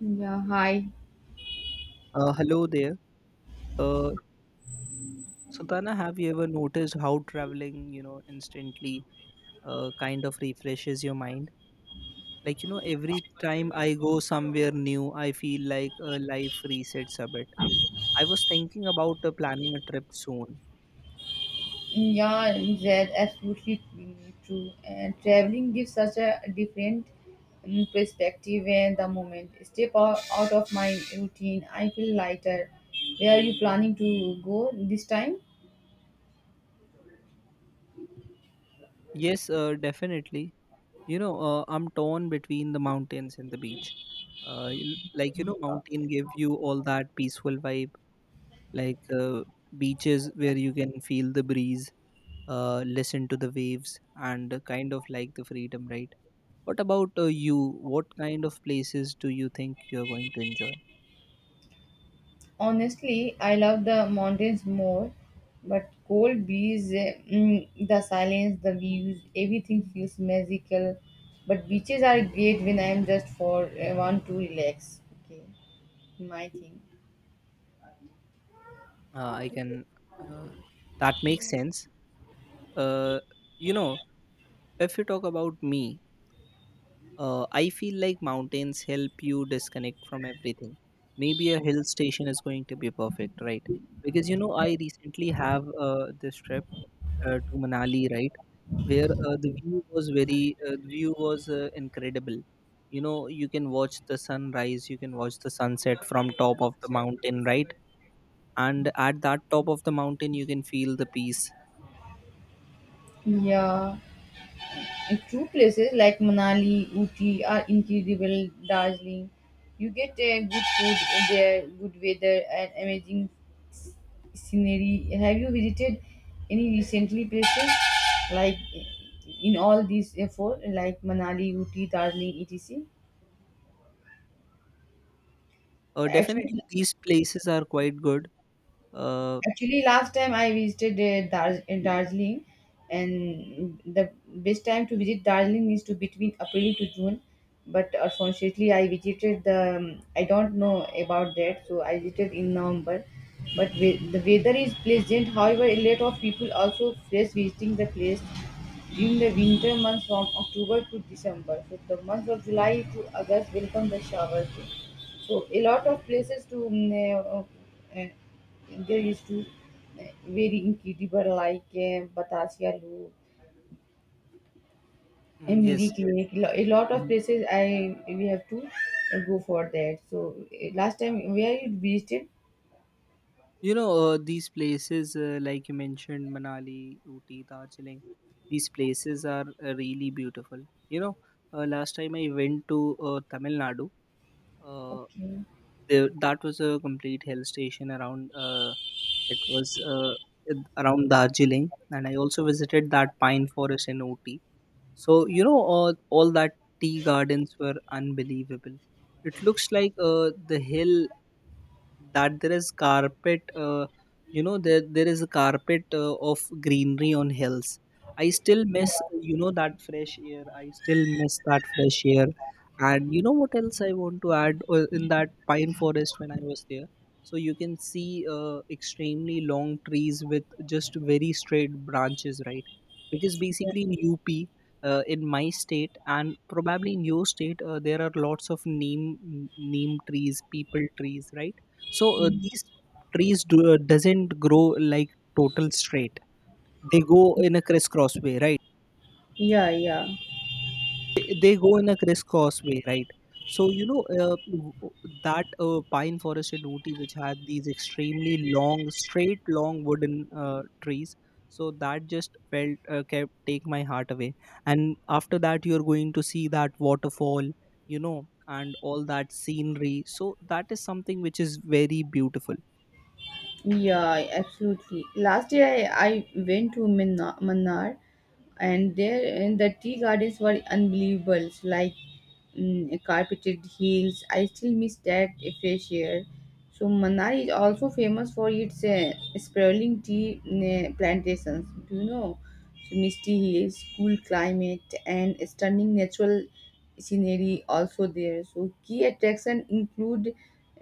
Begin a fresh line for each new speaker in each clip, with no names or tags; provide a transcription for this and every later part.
Yeah, hi.
Hello there. Uh, Sultana, have you ever noticed how traveling, you know, instantly kind of refreshes your mind? Like, you know, every time I go somewhere new, I feel like life resets a bit. I was thinking about planning a trip soon.
Yeah, that's absolutely true. And traveling gives such a different perspective and the moment. Step out, out of my routine. I feel lighter. Where are you planning to go this time?
Yes, definitely. You know, I'm torn between the mountains and the beach. Like, you know, mountain give you all that peaceful vibe, like uh, beaches where you can feel the breeze, listen to the waves and kind of like the freedom, right? What about you, what kind of places do you think you're going to enjoy?
Honestly, I love the mountains more, but cold breeze, the silence, the views, everything feels magical. But beaches are great when I am just for I want to relax. Okay, my thing.
I can uh, that makes sense. uh, you know, if you talk about me, I feel like mountains help you disconnect from everything. Maybe a hill station is going to be perfect, right? Because you know I recently have this trip to Manali, right? Where the view was incredible. You know, you can watch the sunrise, you can watch the sunset from top of the mountain, right? And at that top of the mountain, you can feel the peace.
Yeah, and true places like Manali, Uti are incredible. Darjeeling, you get good food there, good weather, and amazing scenery. Have you visited any recently places like in all these four, like Manali, Uti, Darjeeling, etc.? Actually,
Definitely, these places are quite good. Uh,
Actually, last time I visited Darjeeling, and the best time to visit Darjeeling is to between April to June. But unfortunately, I visited the I don't know about that, so I visited in November. But the weather is pleasant. However, a lot of people also face visiting the place during the winter months from October to December, so the month of July to August welcome the showers. So a lot of places to there used to very incredible like Batasia Loop, Emiri
yes.
Clinic. A lot of
Mhm.
places I we have to go for that. So last time where you visited?
You know, these places, like you mentioned, Manali, Ooty, Darjeeling, these places are really beautiful. You know, last time I went to Tamil Nadu. Uh,
Okay.
there, that was a complete hill station around, it was uh, around Darjeeling, and I also visited that pine forest in OT. So, you know, all that tea gardens were unbelievable. It looks like the hill that there is carpet, you know, there is a carpet of greenery on hills. I still miss, you know, that fresh air. I still miss that fresh air. And you know what else I want to add, in that pine forest when I was there? So you can see extremely long trees with just very straight branches, right? Because basically in UP, in my state and probably in your state there are lots of neem neem trees, people trees, right? So these trees doesn't grow like total straight, they go in a crisscross way, right?
Yeah, yeah,
They go in a crisscross way, right? So you know, that pine forest in Ooty, which had these extremely long, straight, long wooden trees. So that just felt kept take my heart away. And after that, you're going to see that waterfall, you know, and all that scenery. So that is something which is very beautiful.
yeah, absolutely. Last year I went to Mannar. And the tea gardens were unbelievable like carpeted hills. I still miss that fresh air. So Manali is also famous for its sprawling tea plantations, do you know? So misty hills, cool climate, and stunning natural scenery also there. So key attractions include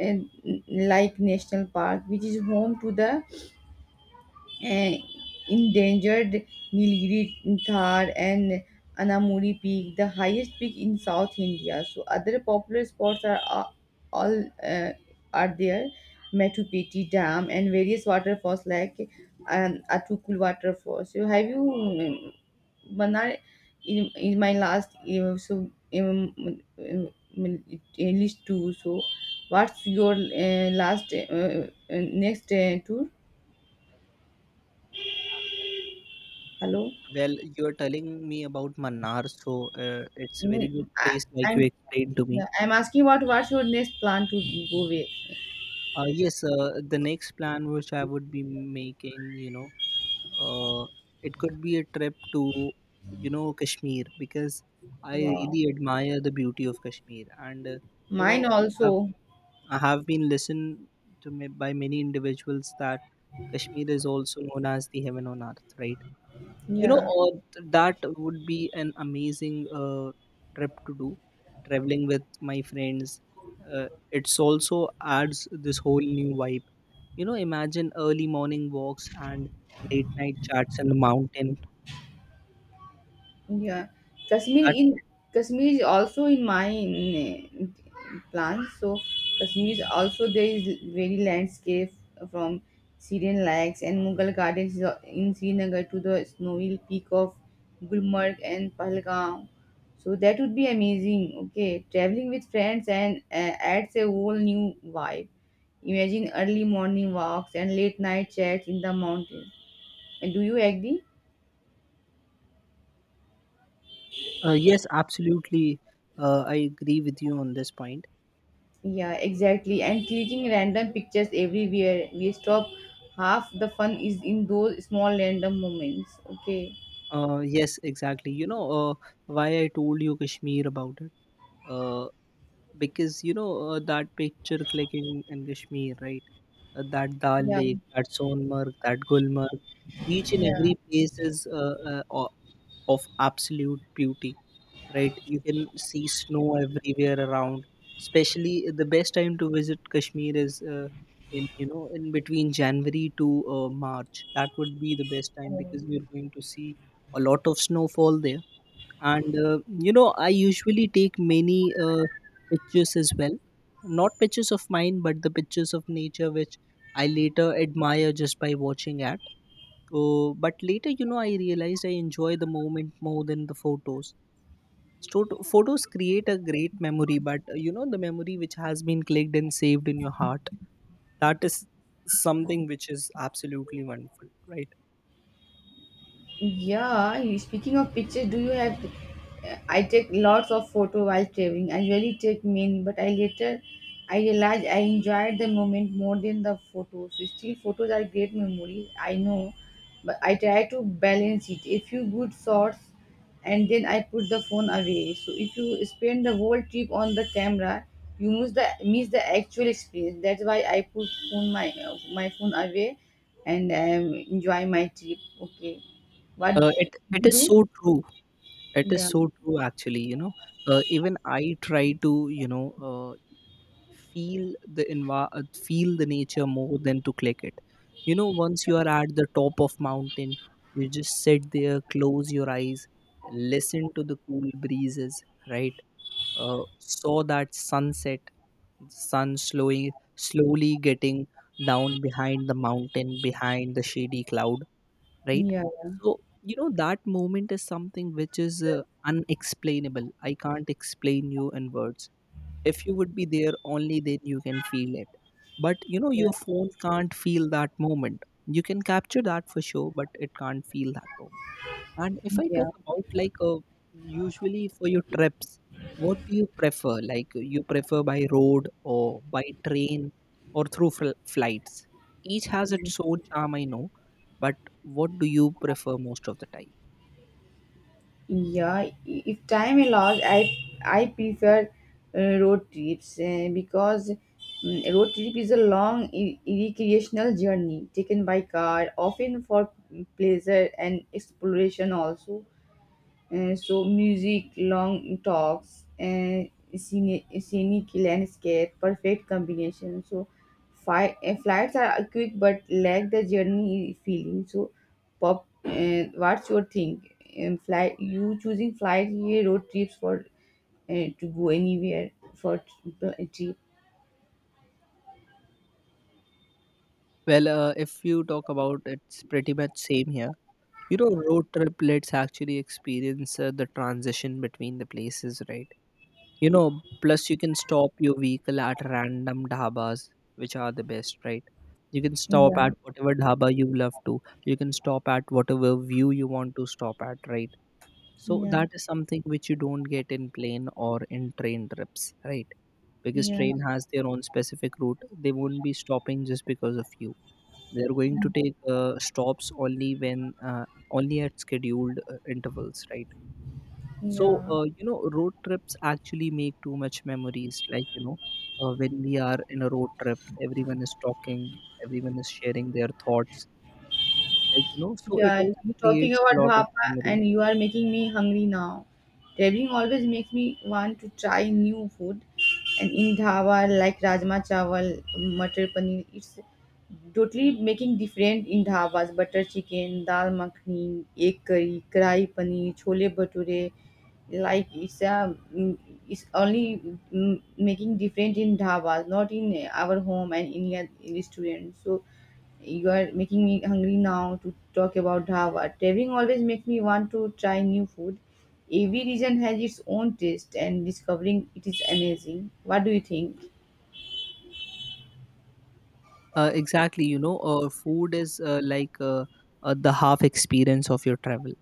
uh, like national park which is home to the uh, endangered Nilgiri Thar and Anamuri Peak, the highest peak in South India. So other popular spots are a- all are there, Metu Peti Dam and various waterfalls like Atukul waterfall. So have you, Manar, in my last so um, list two. So what's your last next tour? Hello.
Well, you're telling me about Manar, so it's a very
Mm,
good
I,
place, like you
I'm
explained to me.
yeah, I'm asking about what should next plan to go with.
Yes, the next plan which I would be making, you know, uh, it could be a trip to, you know, Kashmir, because I
Wow.
really admire the beauty of Kashmir, and you
Mine
know,
also.
I have been listened to me by many individuals that Kashmir is also known as the heaven on earth, right? You know,
Yeah.
that would be an amazing trip to do, traveling with my friends. It also adds this whole new vibe, you know, imagine early morning walks and late night chats in the mountain.
Yeah, Kashmir
That
in Kashmir is also in my plans. So Kashmir is also there is very landscape from Syrian lakes and Mughal gardens is in Srinagar to the snowy peak of Gulmarg and Pahalgam. So that would be amazing. Okay, traveling with friends and adds a whole new vibe. Imagine early morning walks and late night chats in the mountains. And do you agree?
Yes, absolutely. I agree with you on this point.
Yeah, exactly. And clicking random pictures everywhere, we stop. Half the fun is in those small random moments. Okay.
Yes, exactly. You know why I told you Kashmir about it. Uh, because you know that picture clicking in Kashmir, right? That Dal
Yeah.
Lake, that Sonmarg, that Gulmarg. Each and
Yeah.
every place is of absolute beauty, right? You can see snow everywhere around. Especially the best time to visit Kashmir is in, you know, in between January to March. That would be the best time, because
Um,
you're going to see a lot of snowfall there. And you know, I usually take many pictures as well. Not pictures of mine, but the pictures of nature which I later admire just by watching at. But later, you know, I realized I enjoy the moment more than the photos. Photos create a great memory, but you know, the memory which has been clicked and saved in your heart, that is something which is absolutely wonderful, right?
Yeah, speaking of pictures, do you have? I take lots of photo while traveling. I really take many, but I later I realized I enjoyed the moment more than the photos. So still, photos are great memories. I know, but I try to balance it. A few good shots, and then I put the phone away. So if you spend the whole trip on the camera, you miss the actual experience. That's why I put phone my my phone away, and enjoy my trip. Okay. What
It
do
it
you
is
do?
so true, it is
Yeah,
so true actually, you know. Even I try to, you know, uh, feel the feel the nature more than to click it. You know, once you are at the top of mountain, you just sit there, close your eyes, listen to the cool breezes, right? Saw that sunset, sun slowly slowly getting down behind the mountain, behind the shady cloud, right?
yeah,
So you know that moment is something which is unexplainable, I can't explain you in words. If you would be there, only then you can feel it. But you know,
yeah,
your phone can't feel that moment. You can capture that for sure, but it can't feel that moment. And if I
yeah,
talk about like, usually for your trips, what do you prefer? Like you prefer by road or by train or through flights? Each has its own charm, I know, but what do you prefer most of the time?
yeah. Yeah. If time allows, I prefer road trips because road trip is a long recreational journey taken by car, often for pleasure and exploration also. So music, long talks, scenic landscape, perfect combination. So flights are quick but lack the journey feeling. So pop, what's your thing? Fly, you choosing flight, yeah, road trips for to go anywhere for trip?
Well, if you talk about, it's pretty much same here. You know, road trip lets actually experience the transition between the places, right? You know, plus you can stop your vehicle at random dhabas, which are the best, right? You can stop
Yeah,
at whatever dhaba you love to. You can stop at whatever view you want to stop at, right? So
yeah,
that is something which you don't get in plane or in train trips, right? Because
yeah,
train has their own specific route. They won't be stopping just because of you. They're going to take stops only when only at scheduled intervals, right? So,
yeah.
you know, road trips actually make too much memories. Like, you know, when we are in a road trip, everyone is talking, everyone is sharing their thoughts. Like, you know, so it
Yeah,
also
I'm talking
creates
about
a lot of
dhapa
memory.
and you are making me hungry now. Traveling always makes me want to try new food. And in dhaba, like rajma chawal, butter paneer, it's totally making different in dhabas. Butter chicken, dal makhani, egg curry, karai paneer, chole bhature. Like it's a, it's only making different in dhabas, not in our home and in a restaurant. So you are making me hungry now to talk about dhaba. Traveling always makes me want to try new food. Every region has its own taste, and discovering it is amazing. What do you think?
Exactly, you know, food is the half experience of your travel.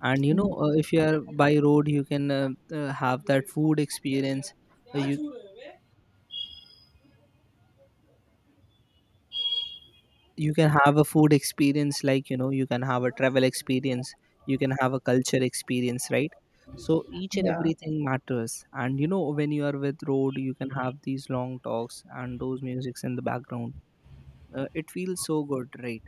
And, you know, if you are by road, you can have that food experience. You you can have a food experience, like you know, you can have a travel experience, you can have a culture experience, right? So each and
Yeah,
everything matters, and you know, when you are with road, you can have these long talks and those musics in the background. It feels so good, right?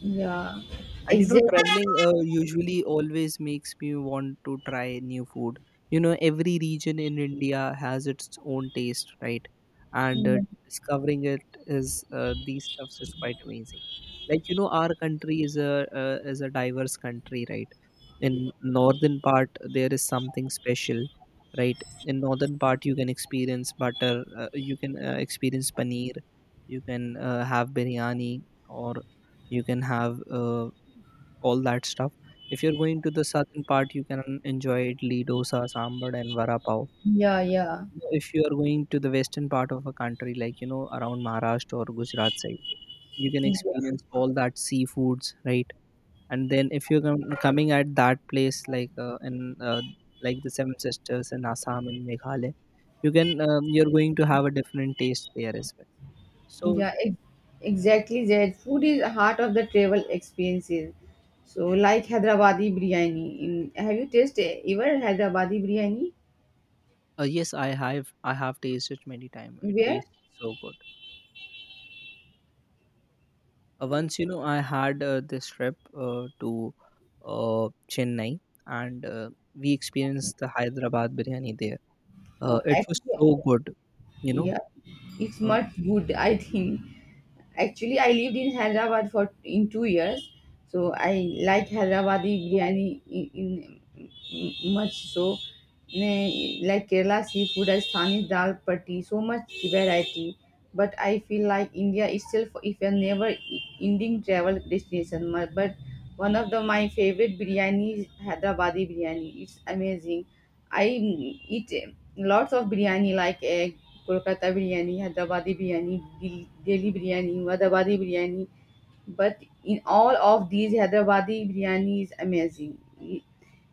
yeah,
And you know,
exactly.
traveling usually always makes me want to try new food. You know, every region in India has its own taste, right? And discovering it is these stuffs is quite amazing. Like you know, our country is a diverse country, right? In northern part, there is something special, right? In northern part, you can experience butter, you can experience paneer, you can have biryani, or you can have all that stuff. If you're going to the southern part, you can enjoy idli dosa sambar and vada pav.
Yeah, yeah,
You know, if you are going to the western part of a country, like you know, around Maharashtra or Gujarat side, you can
yeah,
experience all that seafoods, right? And then if you're coming at that place like in uh, like the seven sisters in Assam and Meghalaya, you can you're going to have a different taste there as well. So
yeah. ex- Exactly that. Food is the heart of the travel experiences. So, like Hyderabadi biryani. In, have you tasted ever Hyderabadi biryani?
yes, I have tasted many time, it
Where?
tastes so good. Once, you know, I had this trip to uh, Chennai, and we experienced the Hyderabad biryani there.
Oh,
It was
actually,
so good, you know.
yeah, it's
uh,
much good, I think. Actually, I lived in Hyderabad for in 2 years, so I like Hyderabadi biryani in much so. Ne Like Kerala seafood, Asthani dal patti, so much variety. But I feel like India itself, if a never-ending travel destination. But one of the my favorite biryani is Hyderabadi biryani. It's amazing. I eat lots of biryani like Kolkata biryani, Hyderabadi biryani, Delhi biryani, Vadabadi biryani. But in all of these, Hyderabadi biryani is amazing.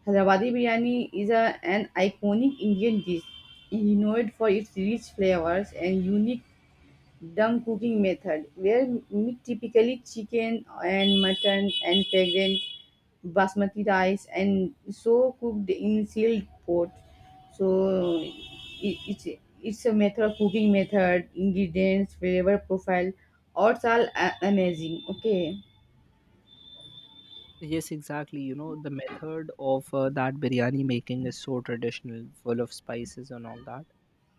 Hyderabadi biryani is a, an iconic Indian dish. You know it for its rich flavors and unique Dum cooking method where meat typically chicken and mutton and fragrant basmati rice and so cooked in sealed pot. So it, it's it's a method of cooking method, ingredients, flavor profile, odds are amazing. Okay.
yes, exactly, you know, the method of that biryani making is so traditional, full of spices and all that.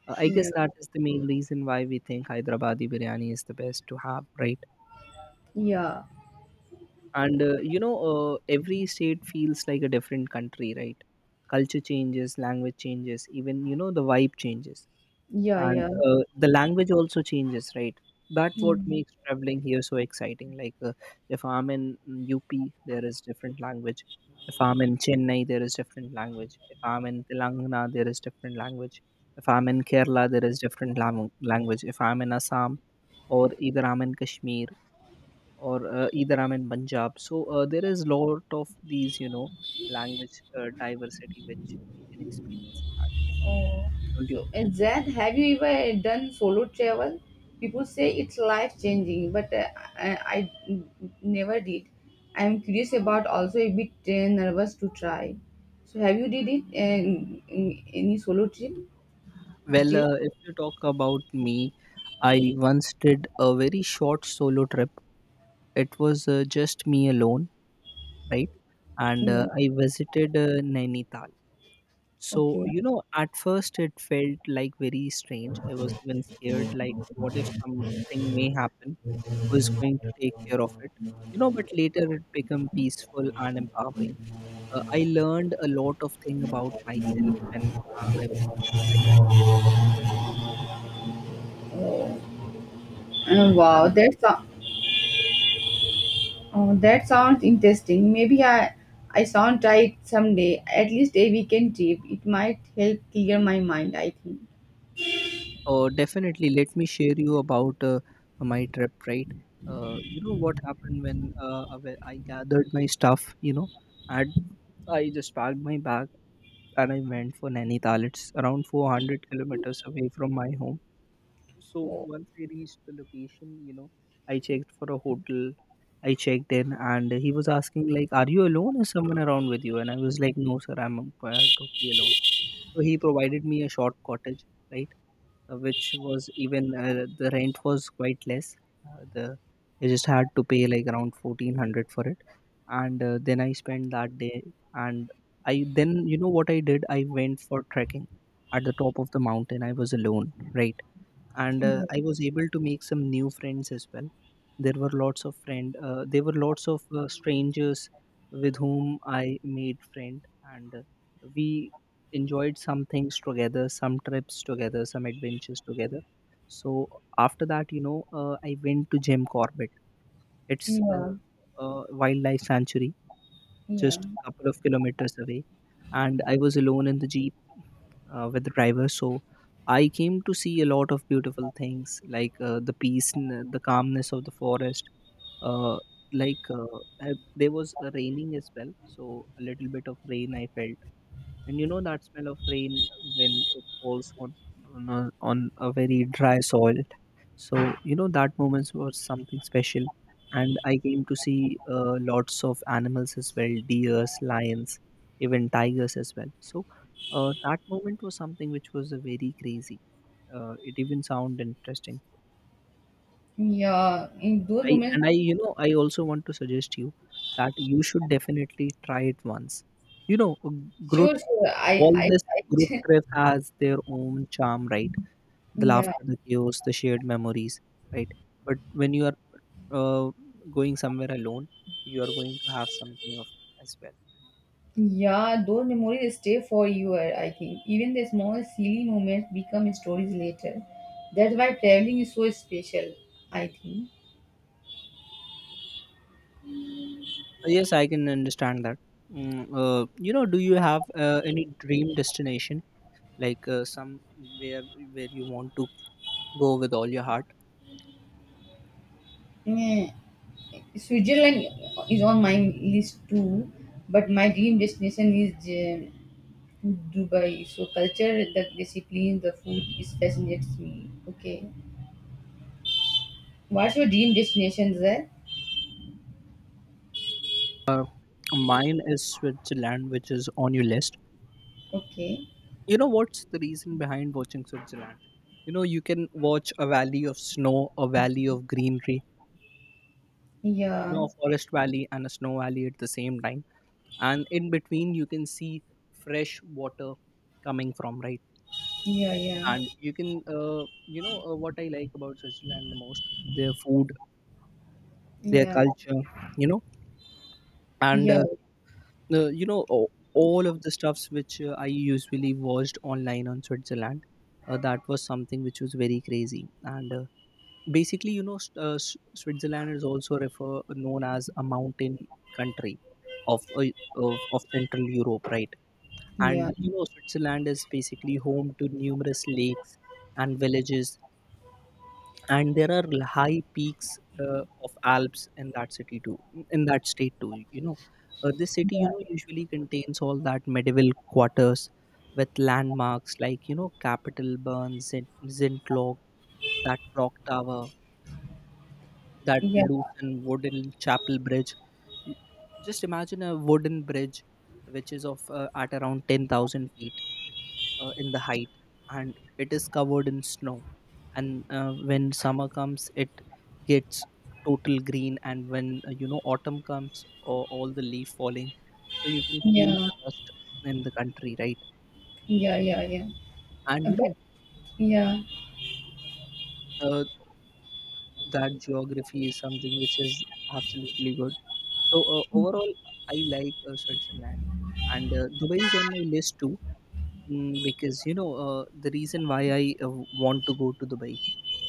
I
Yeah.
guess that is the main reason why we think Hyderabadi biryani is the best to have, right?
Yeah.
And you know, every state feels like a different country, right? Culture changes, language changes, even, you know, the vibe changes.
Yeah.
And
Yeah.
the language also changes, right? That what
Yeah.
makes traveling here so exciting. Like, if I'm in UP, there is different language. If I'm in Chennai, there is different language. If I'm in Telangana, there is different language. If I'm in Kerala, there is different language. If I'm in Assam, or either I'm in Kashmir, or either I'm in Punjab. So there is lot of these, you know, language diversity which we can experience at the same time,
Oh,
don't you
so
think?
and Zed, have you ever done solo travel? People say it's life changing, but I, I never did. I am curious about also a bit nervous to try. So have you did it in any solo trip
Well,
still?
if you talk about me, I once did a very short solo trip. It was just me alone, right? And
Yeah.
I visited Nainital. So,
Okay.
you know, at first it felt like very strange. I was even scared, like, what if something may happen? Who is going to take care of it, you know? But later it became peaceful and empowering. I learned a lot of thing about myself when I was alone,
Uh,
right.
wow,
And
that so- oh, that sounds interesting. Maybe I sound try it someday. At least a weekend trip. It might help clear my mind. I think.
definitely, let me share you about my trip, right. You know what happened when I gathered my stuff, you know, and I just packed my bag, and I went for Nainital. It's around 400 kilometers away from my home. So once I reached the location, you know, I checked for a hotel. I checked in, and he was asking like, "Are you alone? Is someone around with you?" And I was like, "No, sir, I'm totally alone." So he provided me a short cottage, right, which was even the rent was quite less. The I just had to pay like around 1,400 for it, and then I spent that day. And I then, you know what I did? I went for trekking at the top of the mountain. I was alone, right? And
Yeah.
I was able to make some new friends as well. There were lots of strangers with whom I made friend. And we enjoyed some things together, some trips together, some adventures together. So after that, you know, I went to Jim Corbett. It's
Yeah.
a wildlife sanctuary,
Yeah.
just a couple of kilometers away, and I was alone in the jeep with the driver. So I came to see a lot of beautiful things like the peace, and the calmness of the forest. Uh, like uh, there was a raining as well, so a little bit of rain I felt. And you know that smell of rain when it falls on on a very dry soil. So, you know, that moment was something special. And I came to see lots of animals as well, deers, lions, even tigers as well. So that moment was something which was very crazy. It even sound interesting.
Yeah, in those moments,
I, you know, I also want to suggest you that you should definitely try it once, you know. Grow
sure, sure. I,
all
I,
this Group
I
trip has their own charm, right? The
yeah,
laughter, the chaos, the shared memories, right? But when you are uh, going somewhere alone, you are going to have something of as well.
yeah. Those memories stay for you. I think even the small silly moments become stories later. That's why traveling is so special. I think.
Yes, I can understand that. You know, do you have any dream destination, like somewhere where you want to go with all your heart?
Yeah. Switzerland is on my list too, but my dream destination is uh, Dubai. So culture, the discipline, the food is fascinates me. Okay. What's your dream destination there?
uh, Mine is Switzerland, which is on your list.
Okay.
You know what's the reason behind watching Switzerland? You know, you can watch a valley of snow, a valley of greenery, you
Yeah.
know, a forest valley and a snow valley at the same time. And in between, you can see fresh water coming from, right?
Yeah, yeah,
And you can, uh, you know, what I like about Switzerland the most, their food, their
yeah,
culture, you know. And
yeah,
you know, all of the stuffs which I usually watched online on Switzerland, that was something which was very crazy. And basically, you know, Switzerland is also refer known as a mountain country of, of central Europe, right?
yeah,
And you know, Switzerland is basically home to numerous lakes and villages. And there are high peaks of Alps in that city too, in that state too, you know. This city,
yeah,
you know, usually contains all that medieval quarters with landmarks like, you know, Capitol Burn Zintlock, that clock tower, that
yeah,
Loosen wooden chapel bridge. Y- Just imagine a wooden bridge which is of at around 10,000 feet in the height, and it is covered in snow. And when summer comes, it gets total green. And when, you know, autumn comes, or all the leaf falling, so you can feel
yeah,
the rust in the country, right?
yeah, yeah, yeah.
And you know,
But yeah,
uh, that geography is something which is absolutely good. So overall, I like Switzerland, and Dubai is on my list too. Mm, because you know, the reason why I want to go to Dubai,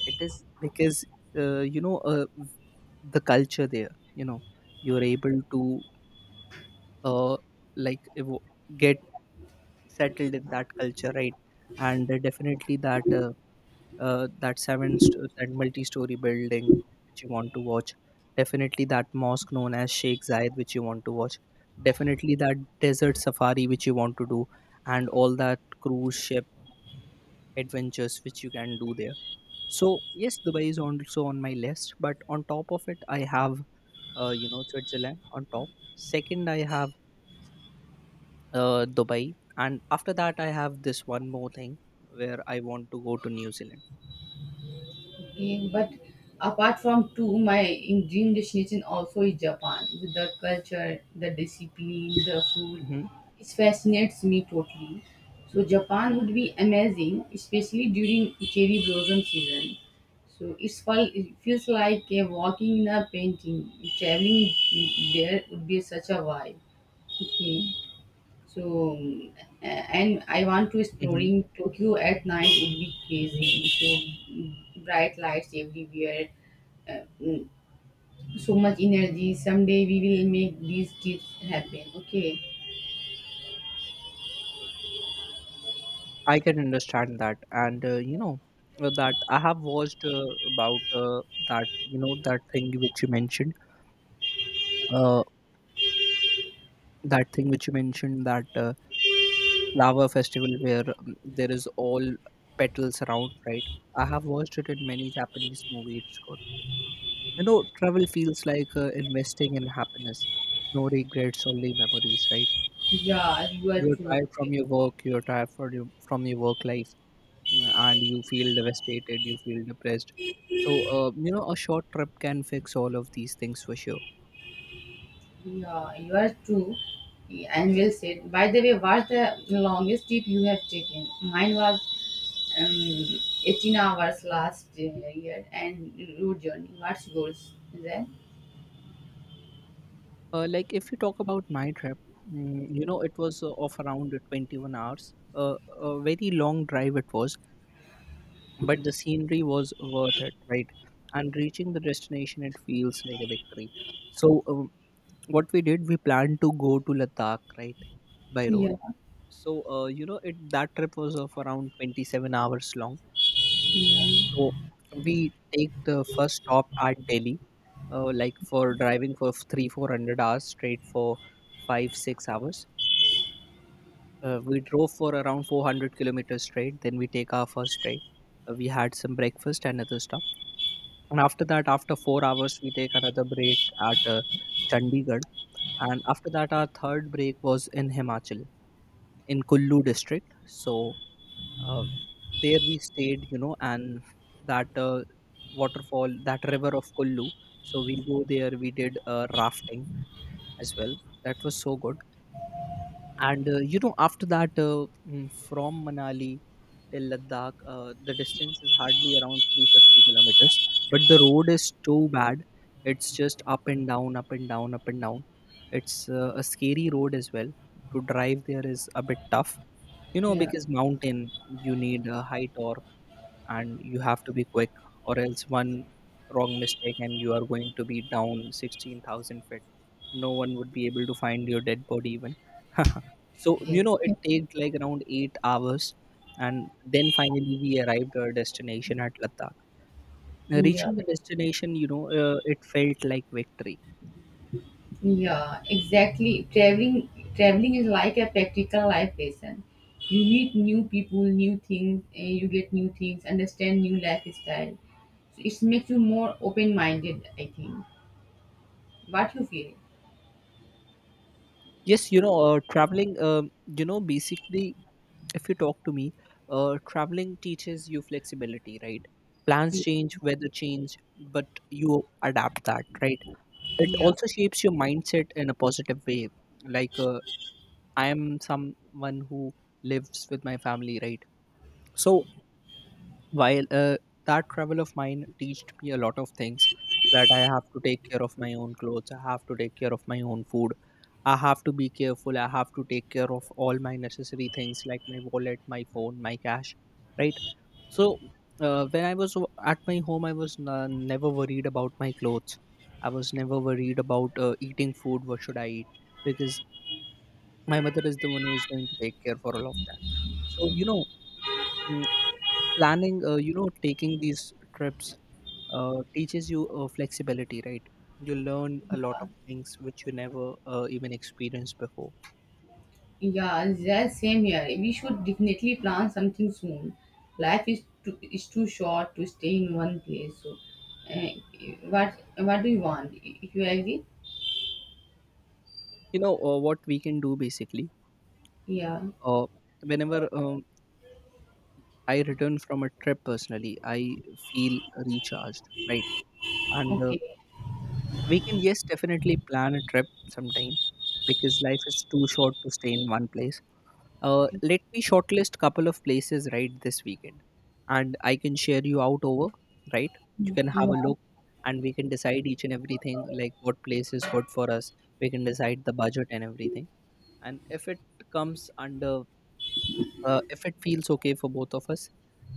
it is because you know, the culture there. You know, you're able to uh, like evo- get settled in that culture, right? And definitely that that that multi-story building which you want to watch, definitely that mosque known as Sheikh Zayed which you want to watch, definitely that desert safari which you want to do, and all that cruise ship adventures which you can do there. So yes, Dubai is also on my list, but on top of it, I have you know, Switzerland on top. Second, I have Dubai, and after that, I have this one more thing where I want to go to New
Okay, but apart from two, my dream destination also is Japan. With the culture, the discipline, the food,
Zealand.
it fascinates me totally. So Japan would be amazing, especially during cherry blossom season. So it feels like a walking in a painting. Traveling there would be such a vibe. Okay. So, um, and I want to
Hmm.
exploring Tokyo at night would be crazy. So bright lights everywhere. Uh, mm, so much energy. Someday we will make these trips happen. Okay.
I can understand that. And you know, that I have watched about that, you know, that thing which you mentioned, uh, that thing which you mentioned that lava festival where there is all petals around, right? I have watched it in many Japanese movies. It's good. You know, travel feels like investing in happiness. No regrets, only memories, right?
Yeah, you are
You're
true.
tired from your work. You're tired from your work life. Mm, and you feel devastated, you feel depressed. So, you know, a short trip can fix all of these things for sure.
Yeah, you are true. And well said. By the way, what's the longest trip you have taken? Mine was um, 18 hours last year and road journey. What's yours? Is that?
Like if you talk about my trip, you know, it was of around 21 hours. A very long drive it was, but the scenery was worth it, right? And reaching the destination, it feels like a victory. So, what we did, we planned to go to Ladakh, right, by road.
Yeah.
So, you know, it that trip was of around 27 hours long.
Yeah,
So we take the first stop at Delhi, like for driving for three, 400 hours straight for five, 6 hours. We drove for around 400 kilometers straight. Then we take our first break. We had some breakfast, and other stuff. And after that, after 4 hours, we take another break at Chandigarh. And after that, our third break was in Himachal, in Kullu district. So uh, there we stayed, you know. And that waterfall, that river of Kullu, so we go there, we did rafting as well. That was so good. And you know, after that, from Manali till Ladakh, the distance is hardly around 350 kilometers, but the road is too bad. It's just up and down, up and down, up and down. It's a scary road as well. To drive, there is a bit tough, you know,
yeah,
because mountain, you need a height or, and you have to be quick, or else one wrong mistake and you are going to be down 16,000 feet. No one would be able to find your dead body even. So you
okay.
know, it takes like around 8 hours, and then finally we arrived our destination at Ladakh.
Yeah,
Reaching the destination, you know, it felt like victory.
yeah, exactly. Traveling is like a practical life lesson. You meet new people, new things, and you get new things, understand new lifestyle. So it makes you more open-minded, I think. What you feel?
Yes, you know, traveling, you know, basically, if you talk to me, traveling teaches you flexibility, right? Plans
Yeah,
change, weather change, but you adapt that, right? It also shapes your mindset in a positive way. Like I am someone who lives with my family, right? So while that travel of mine taught me a lot of things, that I have to take care of my own clothes, I have to take care of my own food, I have to be careful, I have to take care of all my necessary things like my wallet, my phone, my cash, right? So when I was at my home, I was never worried about my clothes. I was never worried about eating food, what should I eat, because my mother is the one who is going to take care for all of that. So you know, planning, you know, taking these trips teaches you flexibility, right? You learn a lot
yeah,
of things which you never even experienced before.
yeah, same here. We should definitely plan something soon. Life is too short to stay in one place. So, uh, what what do you want? If you agree?
You know, what we can do basically,
Yeah.
uh, whenever, I return from a trip, personally I feel recharged, right? And
Okay.
we can, yes, definitely plan a trip sometime, because life is too short to stay in one place. Let me shortlist couple of places right this weekend, and I can share you out over. Right, you can have
Yeah.
a look, and we can decide each and everything like what place is good for us. We can decide the budget and everything. And if it comes under, if it feels okay for both of us,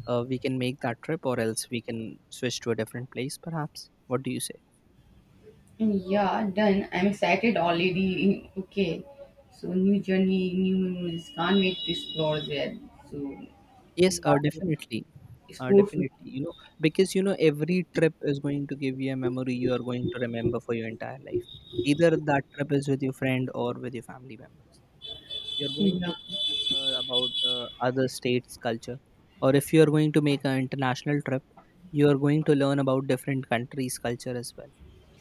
we can make that trip, or else we can switch to a different place, perhaps. What do you say?
Yeah. Done. I'm excited already. Okay. So new journey, new memories. Can't wait to explore there. So
Yes,
we want to
definitely.
explore soon.
Definitely, you know, because you know, every trip is going to give you a memory you are going to remember for your entire life. Either that trip is with your friend or with your family members. You're going to
Yeah.
learn about other states' culture, or if you are going to make an international trip, you are going to learn about different countries' culture as well,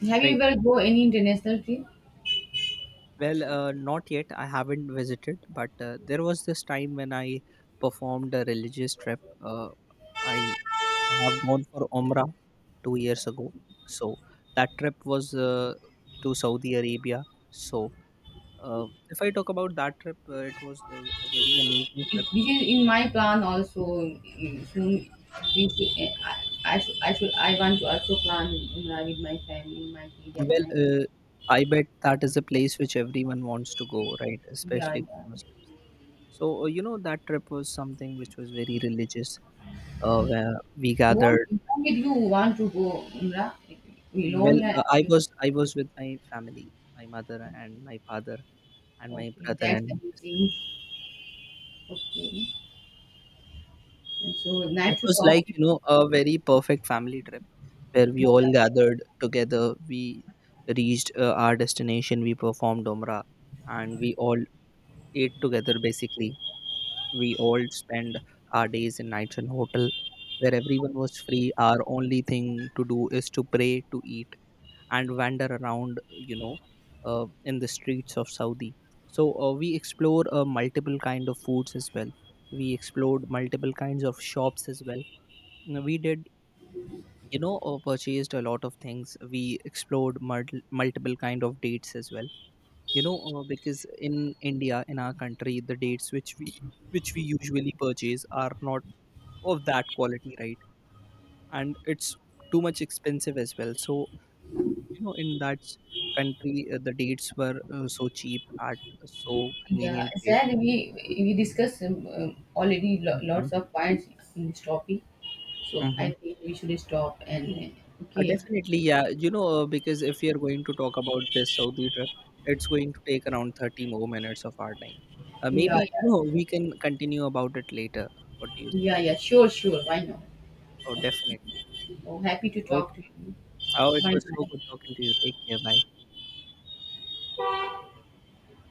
Have you
right?
ever go any international trip?
Well, not yet. I haven't visited, but there was this time when I performed a religious trip. I I have gone for Umrah 2 years ago. So that trip was to Saudi Arabia. So if I talk about that trip, it was a very amazing trip.
This is in my plan also. Soon, we should, eh, I should, I should, I want to also plan Umrah with my family, my kid, and
Well,
my
I bet that is a place which everyone wants to go, right?
yeah,
Especially for
yeah.
Muslims. So you know that trip was something which was very religious. Where we
What,
gathered.
what did you want to go Umrah? Alone,
Well,
yeah.
I was with my family, my mother
Okay,
and my father and my
okay,
brother
that's
and my sister.
amazing. Okay, so
It
nice to
was
talk.
like, you know, a very perfect family trip where we all
Yeah,
gathered together. We reached our destination, we performed Umrah, and we all ate together basically. We all spent our days and nights in hotel where everyone was free. Our only thing to do is to pray, to eat, and wander around, you know, in the streets of Saudi. So we explore multiple kind of foods as well. We explored multiple kinds of shops as well. Now, we did, you know, purchased a lot of things. We explored multiple kind of dates as well. You know, because in India, in our country, the dates which we usually purchase are not of that quality, right? And it's too much expensive as well. So you know, in that country, the dates were so cheap, at so
yeah.
convenient rate,
Sad
right?
we discussed already lots of points in this topic. So I
Mhm.
think we should stop and okay.
Definitely, yeah. You know, because if we are going to talk about this Saudi trip, it's going to take around 30 more minutes of our time.
Yeah,
Maybe, you
yeah,
know, we can continue about it later. What do you think?
yeah. Sure, sure. Why not?
Oh, definitely.
Oh, happy to talk
Okay.
to you.
Oh, it
Bye,
was so
bye.
good talking to you. Take care. Bye.